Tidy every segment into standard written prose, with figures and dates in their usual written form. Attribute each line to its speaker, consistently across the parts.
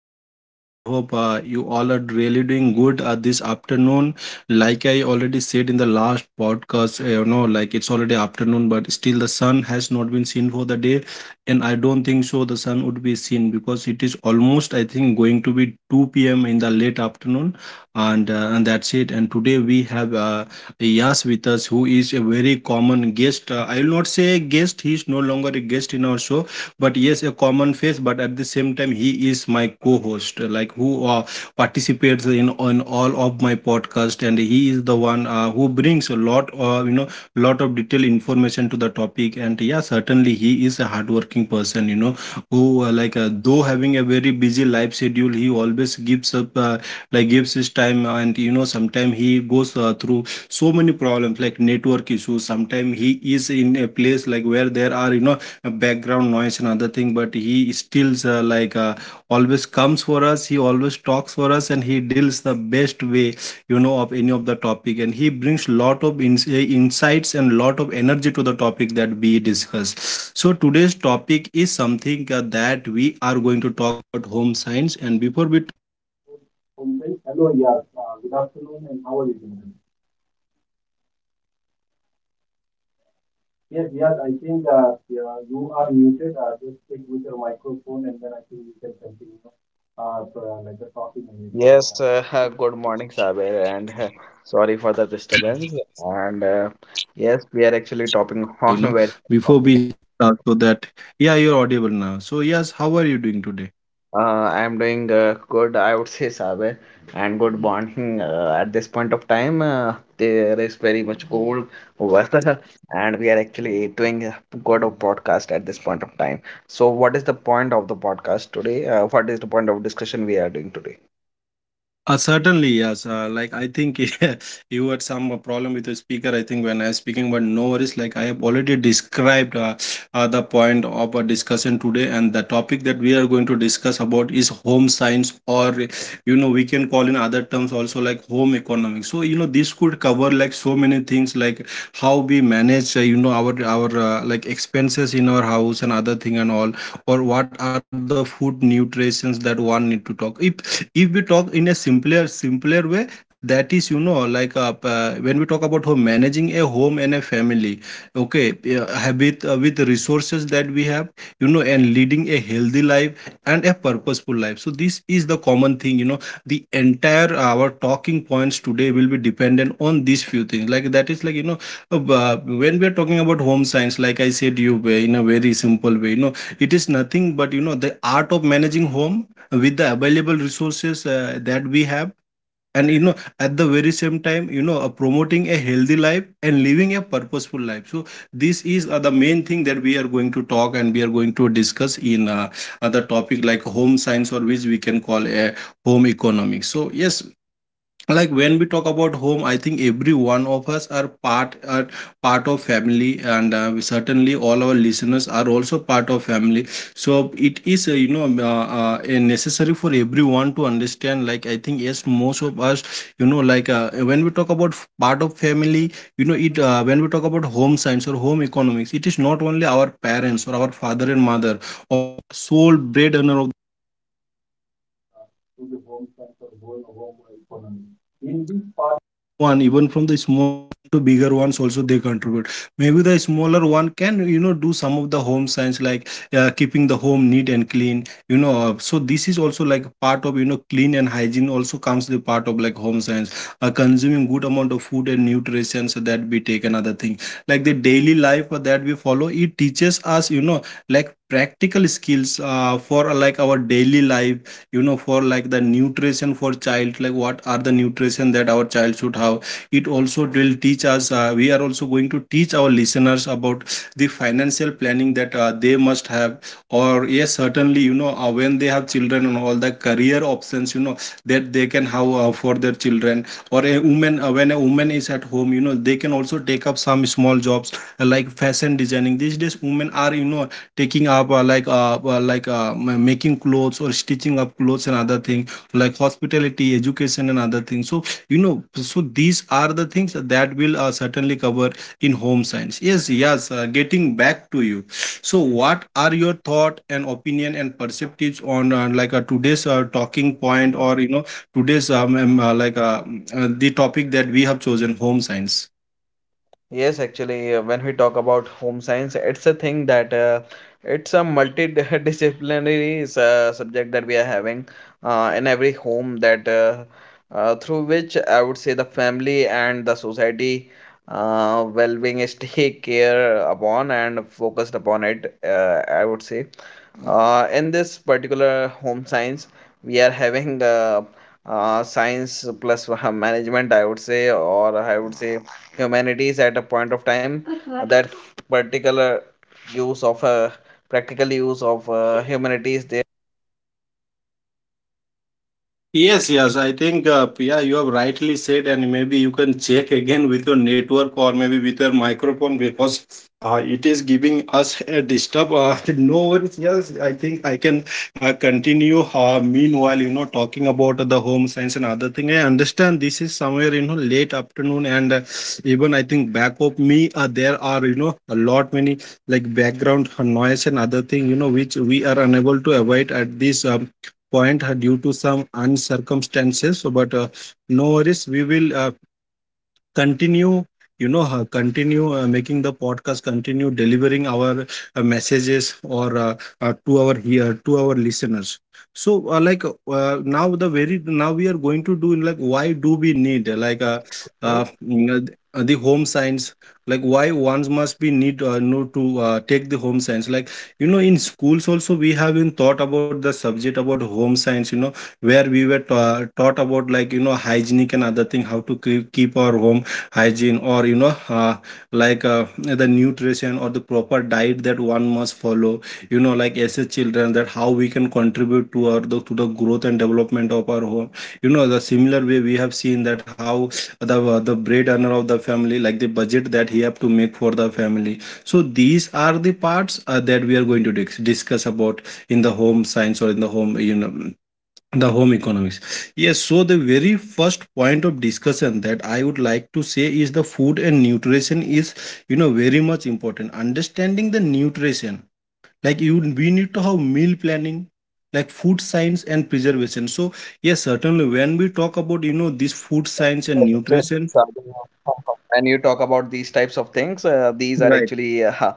Speaker 1: one and all. I hope you all are really doing good this afternoon. Like I already said in the last podcast, like it's already afternoon, but still the sun has not been seen for the day, and I don't think so the sun would be seen because it is almost, I think, going to be 2 p.m. in the late afternoon, and that's it. And today we have Yes, with us, who is a very common guest. I will not say guest, he is no longer a guest in our show, but yes, a common face. But at the same time, he is my co host, like who participates in on all of my podcast. And he is the one who brings a lot, lot of detailed information to the topic. And yeah, certainly he is a hardworking person, you know, who though having a very busy life schedule, he always gives up, like gives his time. And, you know, sometimes he goes through so many problems like network issues. Sometimes he is in a place like where there are, you know, background noise and other thing, but he still always comes for us. He always talks for us and he deals the best way, you know, of any of the topic. And he brings lot of insights and lot of energy to the topic that we discuss. So today's topic is something that we are going to talk about: home science. And before we talk, good afternoon, and how are you doing? Yes, I think yeah, you are muted. Just stick with your microphone and then I think we can continue like the talking and everything like
Speaker 2: Yes,
Speaker 1: that.
Speaker 2: good morning, Saber, and sorry for the disturbance. And yes, we are actually topping on
Speaker 1: you
Speaker 2: very
Speaker 1: know
Speaker 2: topic.
Speaker 1: Before we start, so that, yeah, you're audible now. So yes, how are you doing today?
Speaker 2: I am doing good, I would say, Saber, and good morning. At this point of time, there is very much cold weather, and we are actually doing a good of podcast at this point of time. So, what is the point of the podcast today? What is the point of discussion we are doing today?
Speaker 1: Certainly, yes. Like I think you had some problem with the speaker, I think, when I was speaking, but no worries. Like I have already described the point of our discussion today, and the topic that we are going to discuss about is home science, or, you know, we can call in other terms also like home economics. So you know, this could cover like so many things, like how we manage, our like expenses in our house and other thing and all, or what are the food nutritions that one need to talk. If we talk in a simpler way, that is, you know, like when we talk about home, managing a home and a family. Okay, have it with the resources that we have, you know, and leading a healthy life and a purposeful life. So this is the common thing, you know, the entire our talking points today will be dependent on these few things, like, that is, like, you know, uh, when we are talking about home science, like I said, you in a very simple way, you know, it is nothing but, you know, the art of managing home with the available resources that we have, and you know, at the very same time, you know, promoting a healthy life and living a purposeful life. So this is the main thing that we are going to talk and we are going to discuss in, the topic like home science, or which we can call a home economics. So yes, like when we talk about home, I think every one of us are part of family, and certainly all our listeners are also part of family. So it is, a necessary for everyone to understand, like, I think yes, most of us, you know, like when we talk about part of family, you know, it when we talk about home science or home economics, it is not only our parents or our father and mother or sole breadwinner of, uh, to the home sector, going home economy. In this part, one, even from the small to bigger ones, also they contribute. Maybe the smaller one can, you know, do some of the home science, like keeping the home neat and clean, you know. So this is also like part of, you know, clean and hygiene also comes the part of like home science, consuming good amount of food and nutrition, so that we take another thing like the daily life that we follow. It teaches us, you know, like practical skills for like our daily life, you know, for like the nutrition for child, like what are the nutrition that our child should have. It also will teach us, we are also going to teach our listeners about the financial planning that they must have, or yes, certainly, you know, when they have children and all the career options, you know, that they can have for their children. Or a woman, when a woman is at home, you know, they can also take up some small jobs, like fashion designing. These days women are, you know, taking up, making clothes or stitching up clothes and other thing, like hospitality education and other things. So you know, so these are the things that will certainly cover in home science. Yes, yes, getting back to you, so what are your thought and opinion and perspectives on, today's talking point, or, you know, today's the topic that we have chosen: home science?
Speaker 2: Yes, actually, when we talk about home science, it's a thing that it's a multidisciplinary subject that we are having in every home that through which I would say the family and the society well-being is take care upon and focused upon it, I would say. In this particular home science, we are having science plus management, I would say, or I would say humanities at a point of time. That particular use of practical use of humanities, they
Speaker 1: Yes. I think, Pia, you have rightly said, and maybe you can check again with your network or maybe with your microphone, because it is giving us a disturb. No worries. Yes, I think I can continue. Meanwhile, you know, talking about the home science and other thing, I understand this is somewhere, you know, late afternoon, and even I think back of me there are, you know, a lot many like background noise and other thing, you know, which we are unable to avoid at this point due to some uncircumstances. So, but no worries, we will continue, you know, continue making the podcast, continue delivering our messages, or to our, here, to our listeners. So now, the very now, we are going to do like why do we need, uh, mm, the home science, like why ones must be need know to take the home science. Like, you know, in schools also we have been taught about the subject about home science, you know, where we were taught about like, you know, hygienic and other thing, how to keep our home hygiene, or you know, the nutrition or the proper diet that one must follow, you know, like as a children, that how we can contribute to our to the growth and development of our home. You know, the similar way, we have seen that how the breadwinner of the family, like the budget that he have to make for the family. So these are the parts that we are going to discuss about in the home science or in the home, you know, the home economics. Yes, so the very first point of discussion that I would like to say is the food and nutrition is, you know, very much important. Understanding the nutrition, like, you, we need to have meal planning, like food science and preservation. So yes, certainly when we talk about, you know, this food science and nutrition.
Speaker 2: when you talk about these types of things, these are
Speaker 1: Right.
Speaker 2: actually uh,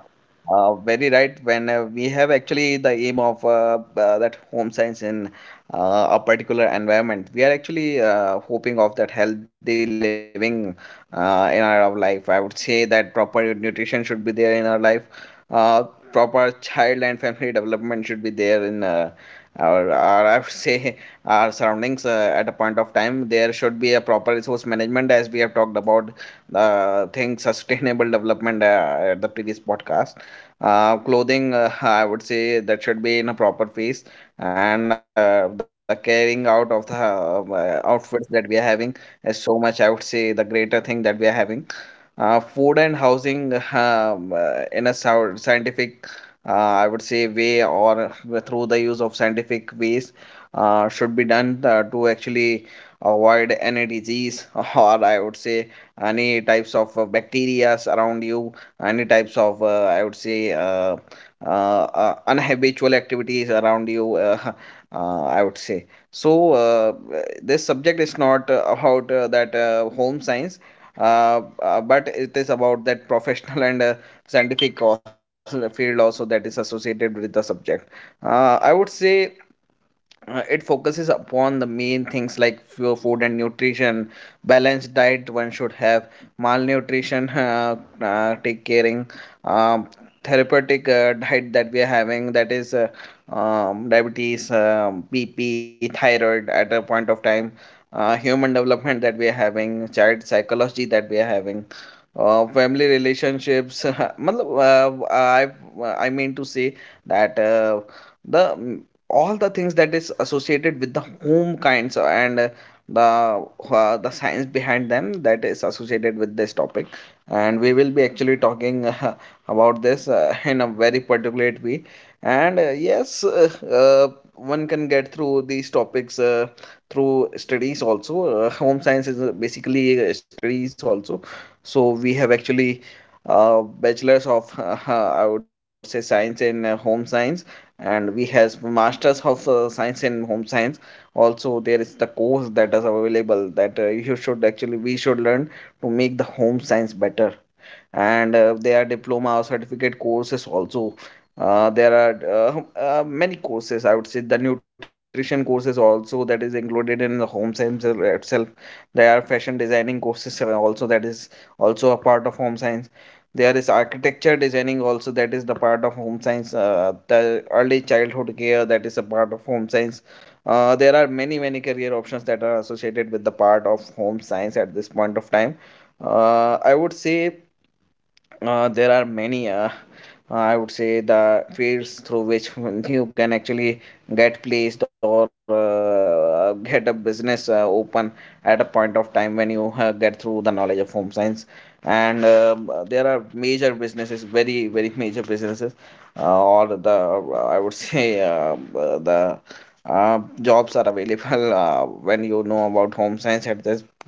Speaker 2: uh, very right. When we have actually the aim of that home science in a particular environment, we are actually hoping of that healthy living in our life. I would say that proper nutrition should be there in our life. Uh, Proper child and family development should be there in or I would say our surroundings at a point of time. There should be a proper resource management, as we have talked about the thing sustainable development at the previous podcast. Clothing, I would say that should be in a proper phase, and the carrying out of the outfits that we are having is so much. I would say the greater thing that we are having. Food and housing in a scientific I would say way or through the use of scientific ways should be done to actually avoid any disease or I would say any types of bacterias around you, any types of I would say unhabitual activities around you. I would say so. This subject is not about that home science. But it is about that professional and scientific field also that is associated with the subject I would say it focuses upon the main things like food and nutrition, balanced diet one should have, malnutrition, take caring, um, therapeutic diet that we are having, that is diabetes, BP, thyroid at a point of time, human development that we are having, child psychology that we are having, family relationships. matlab, I mean to say that the all the things that is associated with the home kinds and the the science behind them that is associated with this topic, and we will be actually talking about this in a very particular way. And yes one can get through these topics through studies also. Home science is basically studies also, so we have actually bachelors of I would say science in home science, and we have masters of science in home science. Also there is the course that is available that you should actually we should learn to make the home science better, and there are diploma or certificate courses also. There are many courses, I would say the nutrition courses also that is included in the home science itself. There are fashion designing courses also that is also a part of home science. There is architecture designing also that is the part of home science. The early childhood care, that is a part of home science. There are many many career options that are associated with the part of home science at this point of time. I would say there are many I would say the fields through which you can actually get placed or get a business open at a point of time when you get through the knowledge of home science. And there are major businesses, very very major businesses, or the I would say the jobs are available when you know about home science at this.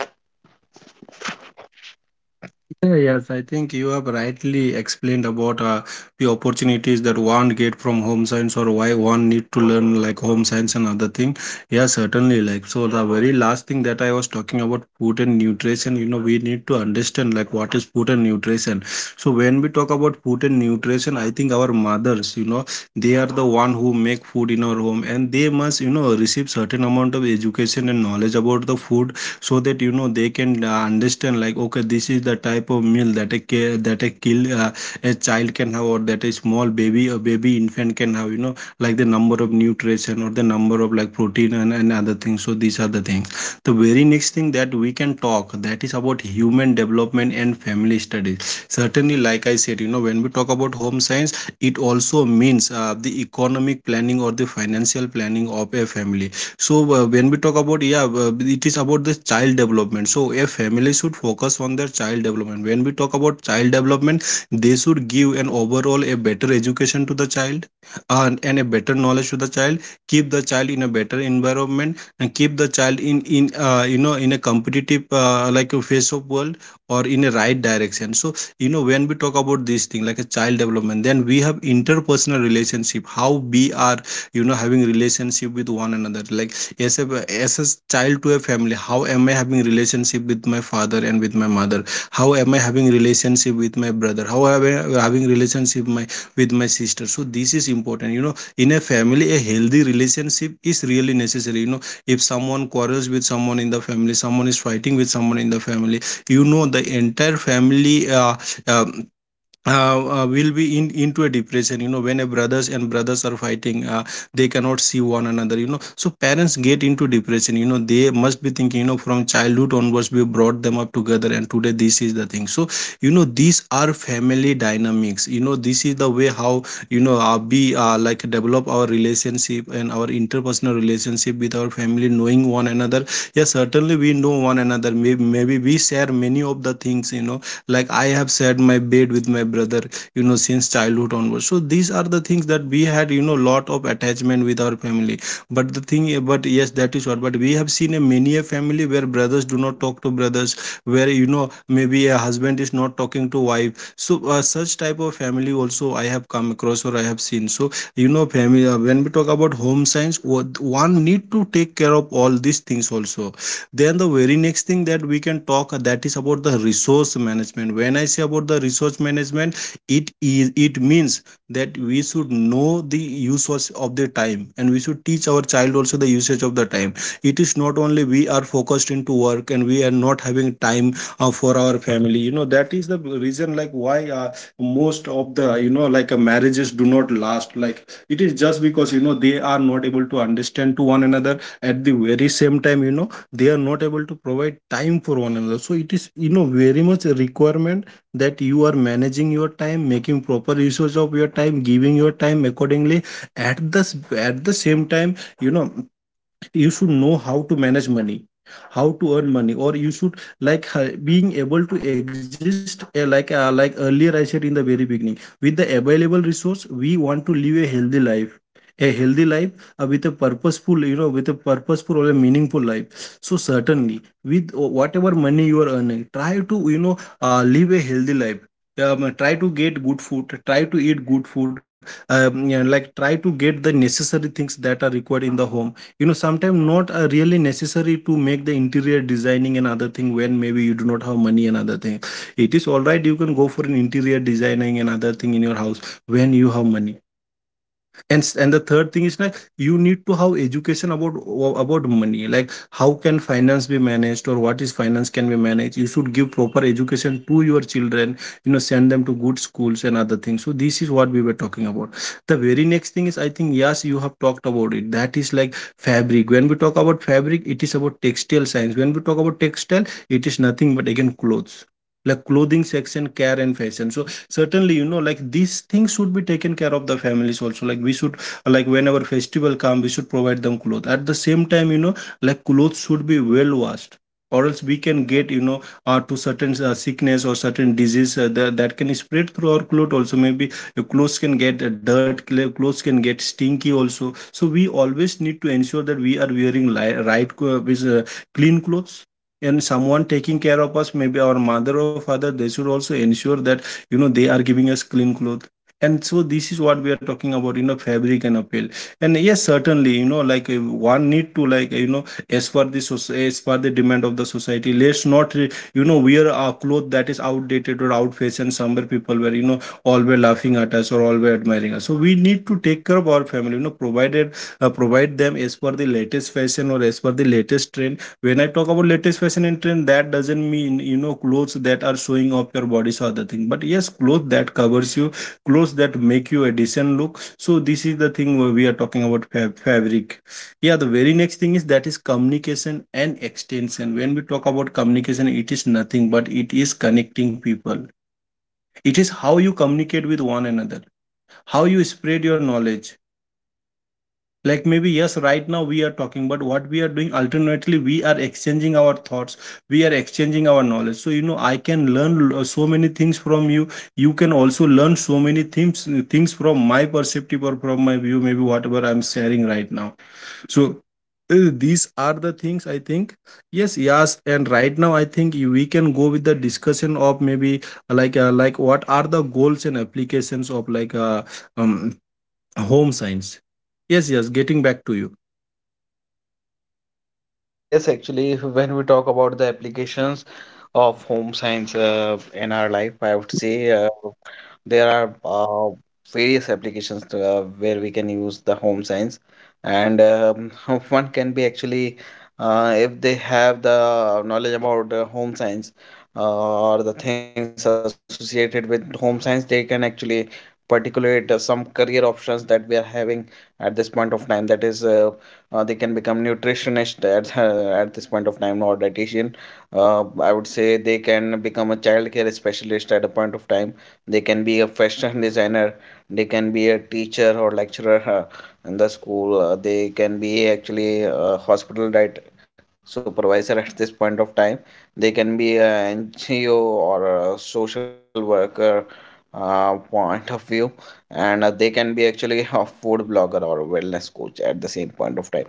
Speaker 1: Yeah, yes, I think you have rightly explained about the opportunities that one get from home science, or why one need to learn like home science and other thing. Yeah, certainly. Like so, the very last thing that I was talking about food and nutrition. You know, we need to understand like what is food and nutrition. So when we talk about food and nutrition, I think our mothers, you know, they are the one who make food in our home, and they must, you know, receive certain amount of education and knowledge about the food so that, you know, they can understand like, okay, this is the type of meal that that a kill uh, a child can have, or that a small baby, a baby infant can have, you know, like the number of nutrition or the number of like protein and other things. So these are the things. The very next thing that we can talk, that is about human development and family studies. Certainly, like I said, you know, when we talk about home science, it also means the economic planning or the financial planning of a family. So when we talk about, yeah, it is about the child development. So a family should focus on their child development. When we talk about child development, they should give an overall a better education to the child and a better knowledge to the child, keep the child in a better environment, and keep the child in you know, in a competitive like a face of world, or in a right direction. So you know, when we talk about this thing, like a child development, then we have interpersonal relationship, how we are, you know, having relationship with one another, like as a child to a family, how am I having relationship with my father and with my mother, how am I having relationship with my brother, how am I having relationship my with my sister. So this is important, you know, in a family a healthy relationship is really necessary. You know, if someone quarrels with someone in the family, someone is fighting with someone in the family, you know, the entire family um will be in into a depression. You know, when a brothers and brothers are fighting, they cannot see one another, you know. So parents get into depression, you know, they must be thinking, you know, from childhood onwards we brought them up together, and today this is the thing. So you know, these are family dynamics. You know, this is the way how, you know, we like develop our relationship and our interpersonal relationship with our family, knowing one another. Yes, certainly we know one another. Maybe we share many of the things, you know, like I have shared my bed with my brother, you know, since childhood onwards. So these are the things that we had, you know, lot of attachment with our family. But the thing, but yes, that is what, but we have seen a many a family where brothers do not talk to brothers, where, you know, maybe a husband is not talking to wife. So such type of family also I have come across, or I have seen. So you know, family, when we talk about home science, one need to take care of all these things also. Then the very next thing that we can talk, that is about the resource management. When I say about the resource management, it means that we should know the usage of the time, and we should teach our child also the usage of the time. It is not only we are focused into work and we are not having time for our family. You know, that is the reason, like why, most of the, you know, like, marriages do not last, like it is just because, you know, they are not able to understand to one another at the very same time. You know, they are not able to provide time for one another. So it is, you know, very much a requirement that you are managing your time, making proper usage of your time, giving your time accordingly. At the s- at the same time, you know, you should know how to manage money, how to earn money, or you should like being able to exist, like earlier I said in the very beginning, with the available resource we want to live a healthy life, a healthy life, with a purposeful, you know, with a purposeful or a meaningful life. So certainly, with whatever money you are earning, try to, you know, live a healthy life. Try to get good food, try to eat good food. Yeah, like try to get the necessary things that are required in the home. You know, sometimes not really necessary to make the interior designing another thing when maybe you do not have money another thing. It is all right, you can go for an interior designing another thing in your house when you have money. And the third thing is like, you need to have education about money, like how can finance be managed or what is finance can be managed. You should give proper education to your children, you know, send them to good schools and other things. So this is what we were talking about. The very next thing is, I think, yes, you have talked about it, that is like fabric. When we talk about fabric, it is about textile science. When we talk about textile, it is nothing but again clothes, like clothing section, care and fashion. So certainly, you know, like these things should be taken care of, the families also, like we should, like whenever festival come, we should provide them clothes. At the same time, you know, like clothes should be well washed, or else we can get, you know, to certain sickness or certain disease that can spread through our clothes also. Maybe your clothes can get dirt, clothes can get stinky also. So we always need to ensure that we are wearing clean clothes, and someone taking care of us, maybe our mother or father, they should also ensure that, you know, they are giving us clean clothes. And so this is what we are talking about, you know, fabric and appeal. And yes, certainly, you know, like, one need to, like, you know, as per the as per the demand of the society, let's not you know, wear a cloth that is outdated or out fashion, somewhere people were, you know, all were laughing at us, or all were admiring us. So we need to take care of our family, you know, provided, provide them as per the latest fashion or as per the latest trend. When I talk about latest fashion and trend, that doesn't mean, you know, clothes that are showing off your body, so other thing, but yes, clothes that covers you, clothes that make you a decent look. So this is the thing where we are talking about fabric. Yeah, the very next thing is, that is communication and extension. When we talk about communication, it is nothing but it is connecting people. It is how you communicate with one another, how you spread your knowledge. Like, maybe, yes, right now we are talking, but what we are doing, alternately we are exchanging our thoughts, we are exchanging our knowledge. So you know, I can learn so many things from you, you can also learn so many things, things from my perspective or from my view, maybe whatever I'm sharing right now. So these are the things, I think. Yes, yes, and right now I think we can go with the discussion of, maybe, like, like what are the goals and applications of, like, um home science. Yes, yes, getting back to you.
Speaker 2: Yes, actually, when we talk about the applications of home science in our life, I would say there are various applications to, where we can use the home science, and one can be actually if they have the knowledge about home science or the things associated with home science, they can actually particulate some career options that we are having at this point of time. That is, they can become nutritionist at at this point of time or dietitian. I would say they can become a child care specialist at a point of time. They can be a fashion designer, they can be a teacher or lecturer in the school. They can be actually a hospital diet supervisor at this point of time. They can be an NGO or a social worker, point of view. And they can be actually a food blogger or a wellness coach at the same point of time.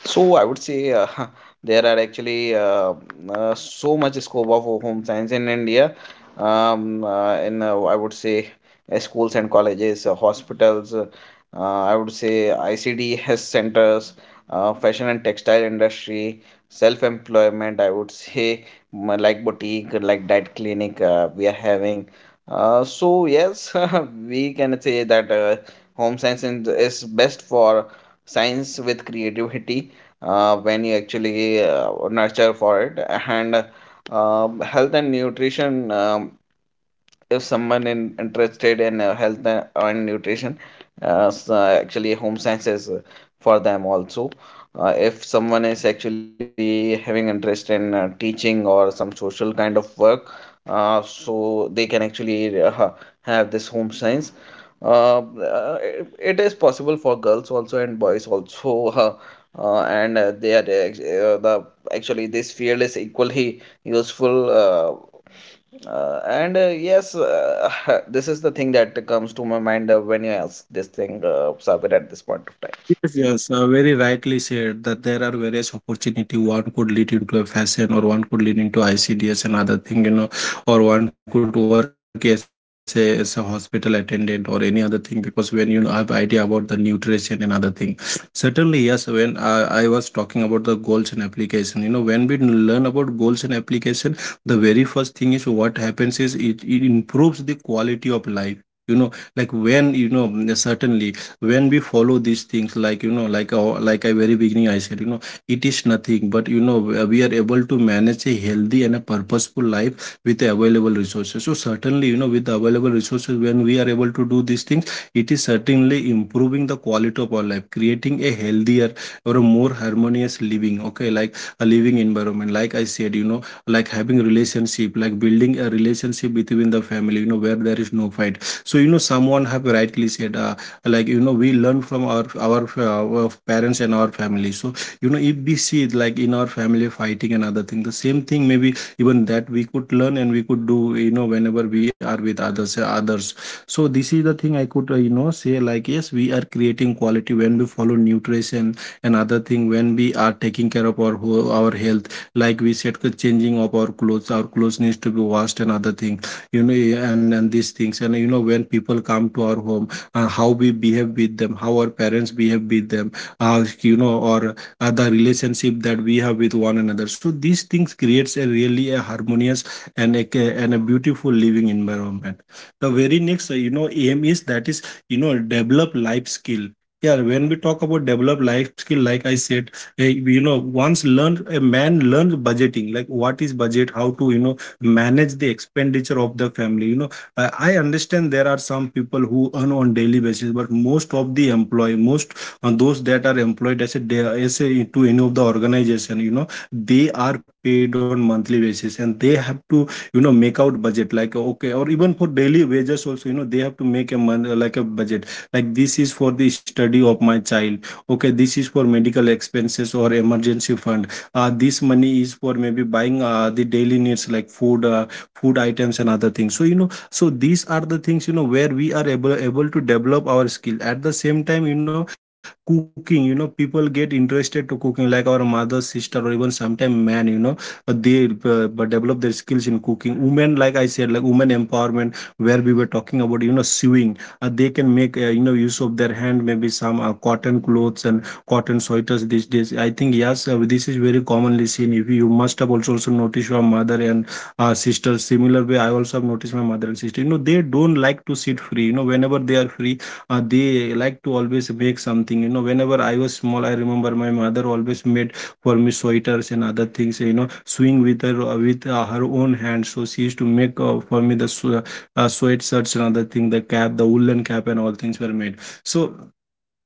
Speaker 2: So I would say there are actually so much scope of home science in India. In I would say schools and colleges, hospitals. I would say ICDS centers, fashion and textile industry, self-employment. I would say mm, like boutique, like that clinic we are having. So yes, we can say that home science is best for science with creativity when you actually nurture for it, and health and nutrition. If someone interested in health and nutrition, actually home science is for them also. If someone is actually having interest in teaching or some social kind of work, so they can actually have this home science. It is possible for girls also and boys also. uh, and they are the actually this field is equally useful, and yes, this is the thing that comes to my mind when you ask this thing, Sabir, at this point of
Speaker 1: Yes,
Speaker 2: time.
Speaker 1: yes, very rightly said that there are various opportunity. One could lead into a fashion, or one could lead into ICDS and other thing, you know, or one could work as a hospital attendant or any other thing. Because when you have idea about the nutrition and other thing, certainly yes. When I was talking about the goals and application, you know, when we learn about goals and application, the very first thing is what happens is it improves the quality of life. You know, like when you know certainly when we follow these things, like like I very beginning I said, you know, it is nothing but, you know, we are able to manage a healthy and a purposeful life with the available resources. So certainly, you know, with the available resources, when we are able to do these things, it is certainly improving the quality of our life, creating a healthier or a more harmonious living. Okay, like a living environment, like I said, you know, like having relationship, like building a relationship between the family, you know, where there is no fight. So you know someone have rightly said, like you know we learn from our parents and our family. So you know, if we see it like in our family fighting and other thing, the same thing maybe even that we could learn and we could do, you know, whenever we are with others others. So this is the thing I could you know say, like, yes, we are creating quality when we follow nutrition and other thing, when we are taking care of our our health. Like we said, the changing of our clothes, our clothes needs to be washed and other thing, you know. And these things, and you know when people come to our home, how we behave with them, how our parents behave with them, how you know, or the relationship that we have with one another. So these things creates a really a harmonious and and a beautiful living environment. The very next you know aim is that, is you know, develop life skill. Yeah, when we talk about develop life skill, like I said, you know, once learn a man learns budgeting, like what is budget, how to you know manage the expenditure of the family, you know. I understand there are some people who earn on daily basis, but most of the employee, most those that are employed as a day, as a, to any of the organization, you know, they are paid on monthly basis, and they have to you know make out budget, like, okay, or even for daily wages also, you know, they have to make a month like a budget. Like, this is for the study of my child. Okay, this is for medical expenses or emergency fund. This money is for maybe buying the daily needs like food, food items and other things. So you know, so these are the things, you know, where we are able to develop our skill. At the same time, you know, cooking, you know, people get interested to cooking, like our mother, sister, or even sometime man, you know, they but develop their skills in cooking. Women, like I said, like women empowerment, where we were talking about, you know, sewing, they can make, you know, use of their hand, maybe some cotton clothes and cotton sweaters. These days, I think yes, this is very commonly seen. If you must have also noticed your mother and sister. Similar way, I also have noticed my mother and sister. You know, they don't like to sit free, you know, whenever they are free, they like to always make something. You know, whenever I was small, I remember my mother always made for me sweaters and other things, you know, sewing with her, with her own hands. So she used to make, for me, the sweatshirts and other thing, the cap, the woolen cap, and all things were made. So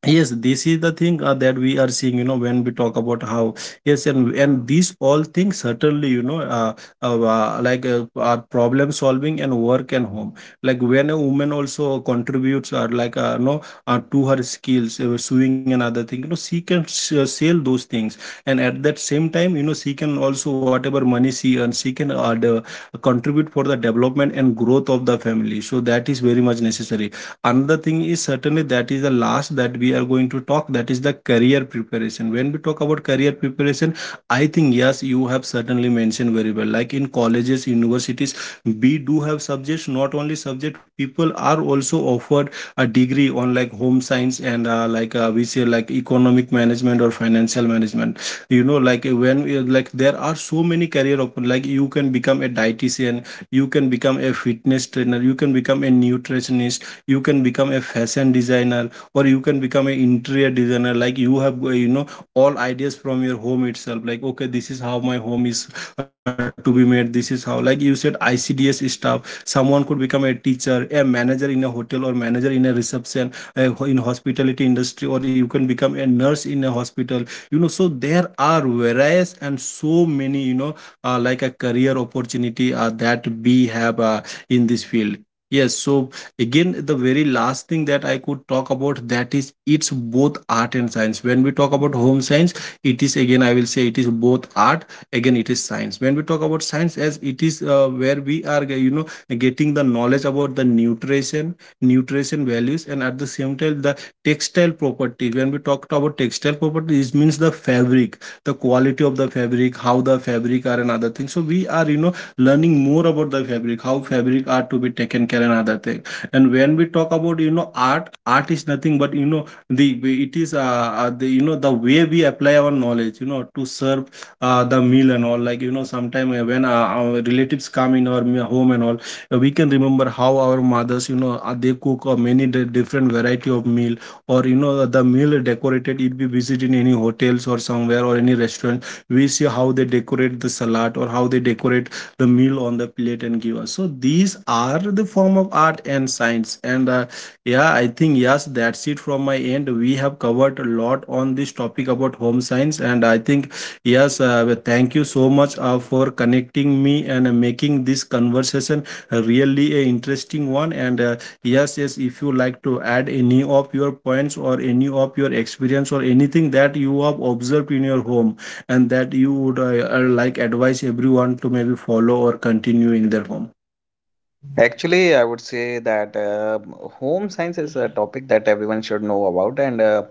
Speaker 1: yes, this is the thing that we are seeing, you know, when we talk about how, yes, and these all things certainly, you know, are problem solving and work and home. Like, when a woman also contributes, or like, you know, to her skills, sewing and other thing, you know, she can sell those things. And at that same time, you know, she can also, whatever money she earns, she can contribute for the development and growth of the family. So that is very much necessary. Another thing is certainly that is the last that we are going to talk, that is the career preparation. When we talk about career preparation, I think yes, you have certainly mentioned very well, like in colleges, universities, we do have subjects. Not only subject, people are also offered a degree on like home science and like we say like economic management or financial management. You know, like when we, like there are so many career open. Like, you can become a dietitian, you can become a fitness trainer, you can become a nutritionist, you can become a fashion designer, or you can become an interior designer. Like, you have you know all ideas from your home itself. Like, okay, this is how my home is to be made. This is how, like you said, ICDS staff, someone could become a teacher, a manager in a hotel, or manager in a reception in hospitality industry, or you can become a nurse in a hospital. You know, so there are various and so many, you know, like a career opportunity that we have in this field. Yes, so again, the very last thing that I could talk about, that is, it's both art and science. When we talk about home science, it is, again, I will say it is both art. Again, it is science. When we talk about science, as it is, where we are, you know, getting the knowledge about the nutrition, nutrition values, and at the same time, the textile properties. When we talk about textile properties, it means the fabric, the quality of the fabric, how the fabric are and other things. So we are, you know, learning more about the fabric, how fabric are to be taken care and other thing. And when we talk about, you know, art, art is nothing but, you know, the it is the, you know, the way we apply our knowledge, you know, to serve the meal and all. Like, you know, sometime when our relatives come in our home and all, we can remember how our mothers, you know, they cook, many different variety of meal, or you know the meal decorated. If we visit in any hotels or somewhere, or any restaurant, we see how they decorate the salad, or how they decorate the meal on the plate and give us. So these are the form of art and science. And yeah, I think yes, that's it from my end. We have covered a lot on this topic about home science, and I think yes, well, thank you so much for connecting me and making this conversation really a interesting one. And yes, yes, if you like to add any of your points, or any of your experience, or anything that you have observed in your home, and that you would like advise everyone to maybe follow or continue in their home.
Speaker 2: Actually, I would say that home science is a topic that everyone should know about, and uh,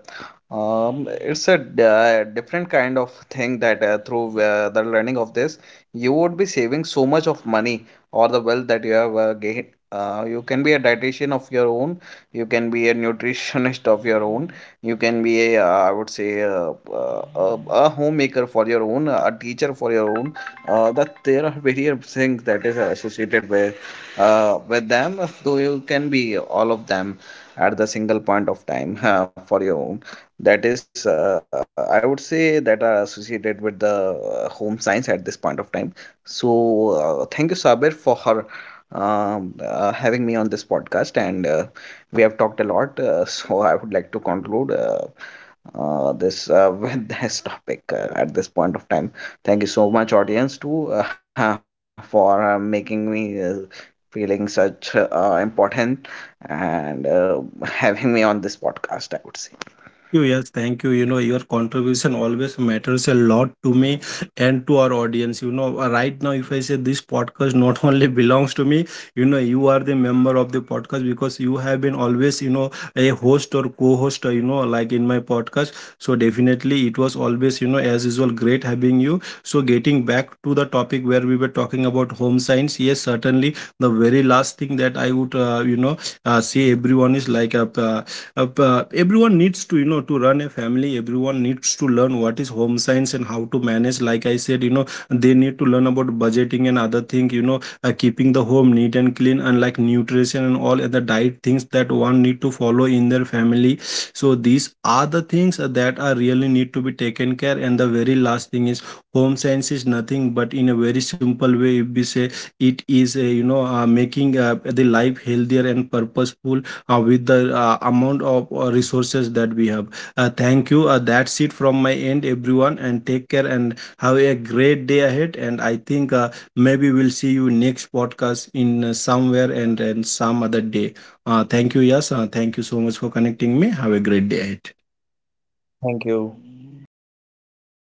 Speaker 2: um, it's a different kind of thing that through the learning of this, you would be saving so much of money or the wealth that you have gained. You can be a dietitian of your own, you can be a nutritionist of your own, you can be a, I would say, a homemaker for your own, a teacher for your own. That there are various things that is associated with them, so you can be all of them at the single point of time for your own. That is I would say that are associated with the home science at this point of time. So thank you, Sabir, for her having me on this podcast, and we have talked a lot so I would like to conclude this with this topic at this point of time. Thank you so much, audience, too, for making me feeling such important, and having me on this podcast, I would say.
Speaker 1: You, yes, thank you. You know, your contribution always matters a lot to me and to our audience. You know, right now, if I say this podcast not only belongs to me, you know, you are the member of the podcast, because you have been always, you know, a host or co host, you know, like in my podcast. So, definitely, it was always, you know, as usual, great having you. So, getting back to the topic where we were talking about home science, yes, certainly, the very last thing that I would, you know, say everyone is like a. Everyone needs to, you know, to run a family, everyone needs to learn what is home science and how to manage. Like I said, you know, they need to learn about budgeting and other thing, you know, keeping the home neat and clean, and like nutrition and all, and the diet things that one need to follow in their family. So these are the things that are really need to be taken care. And the very last thing is, home science is nothing but, in a very simple way, if we say, it is a, you know, making the life healthier and purposeful with the amount of resources that we have. Thank you. That's it from my end, everyone. And take care and have a great day ahead. And I think maybe we'll see you next podcast in somewhere, and some other day. Thank you, yes. Thank you so much for connecting me. Have a great day ahead.
Speaker 2: Thank you.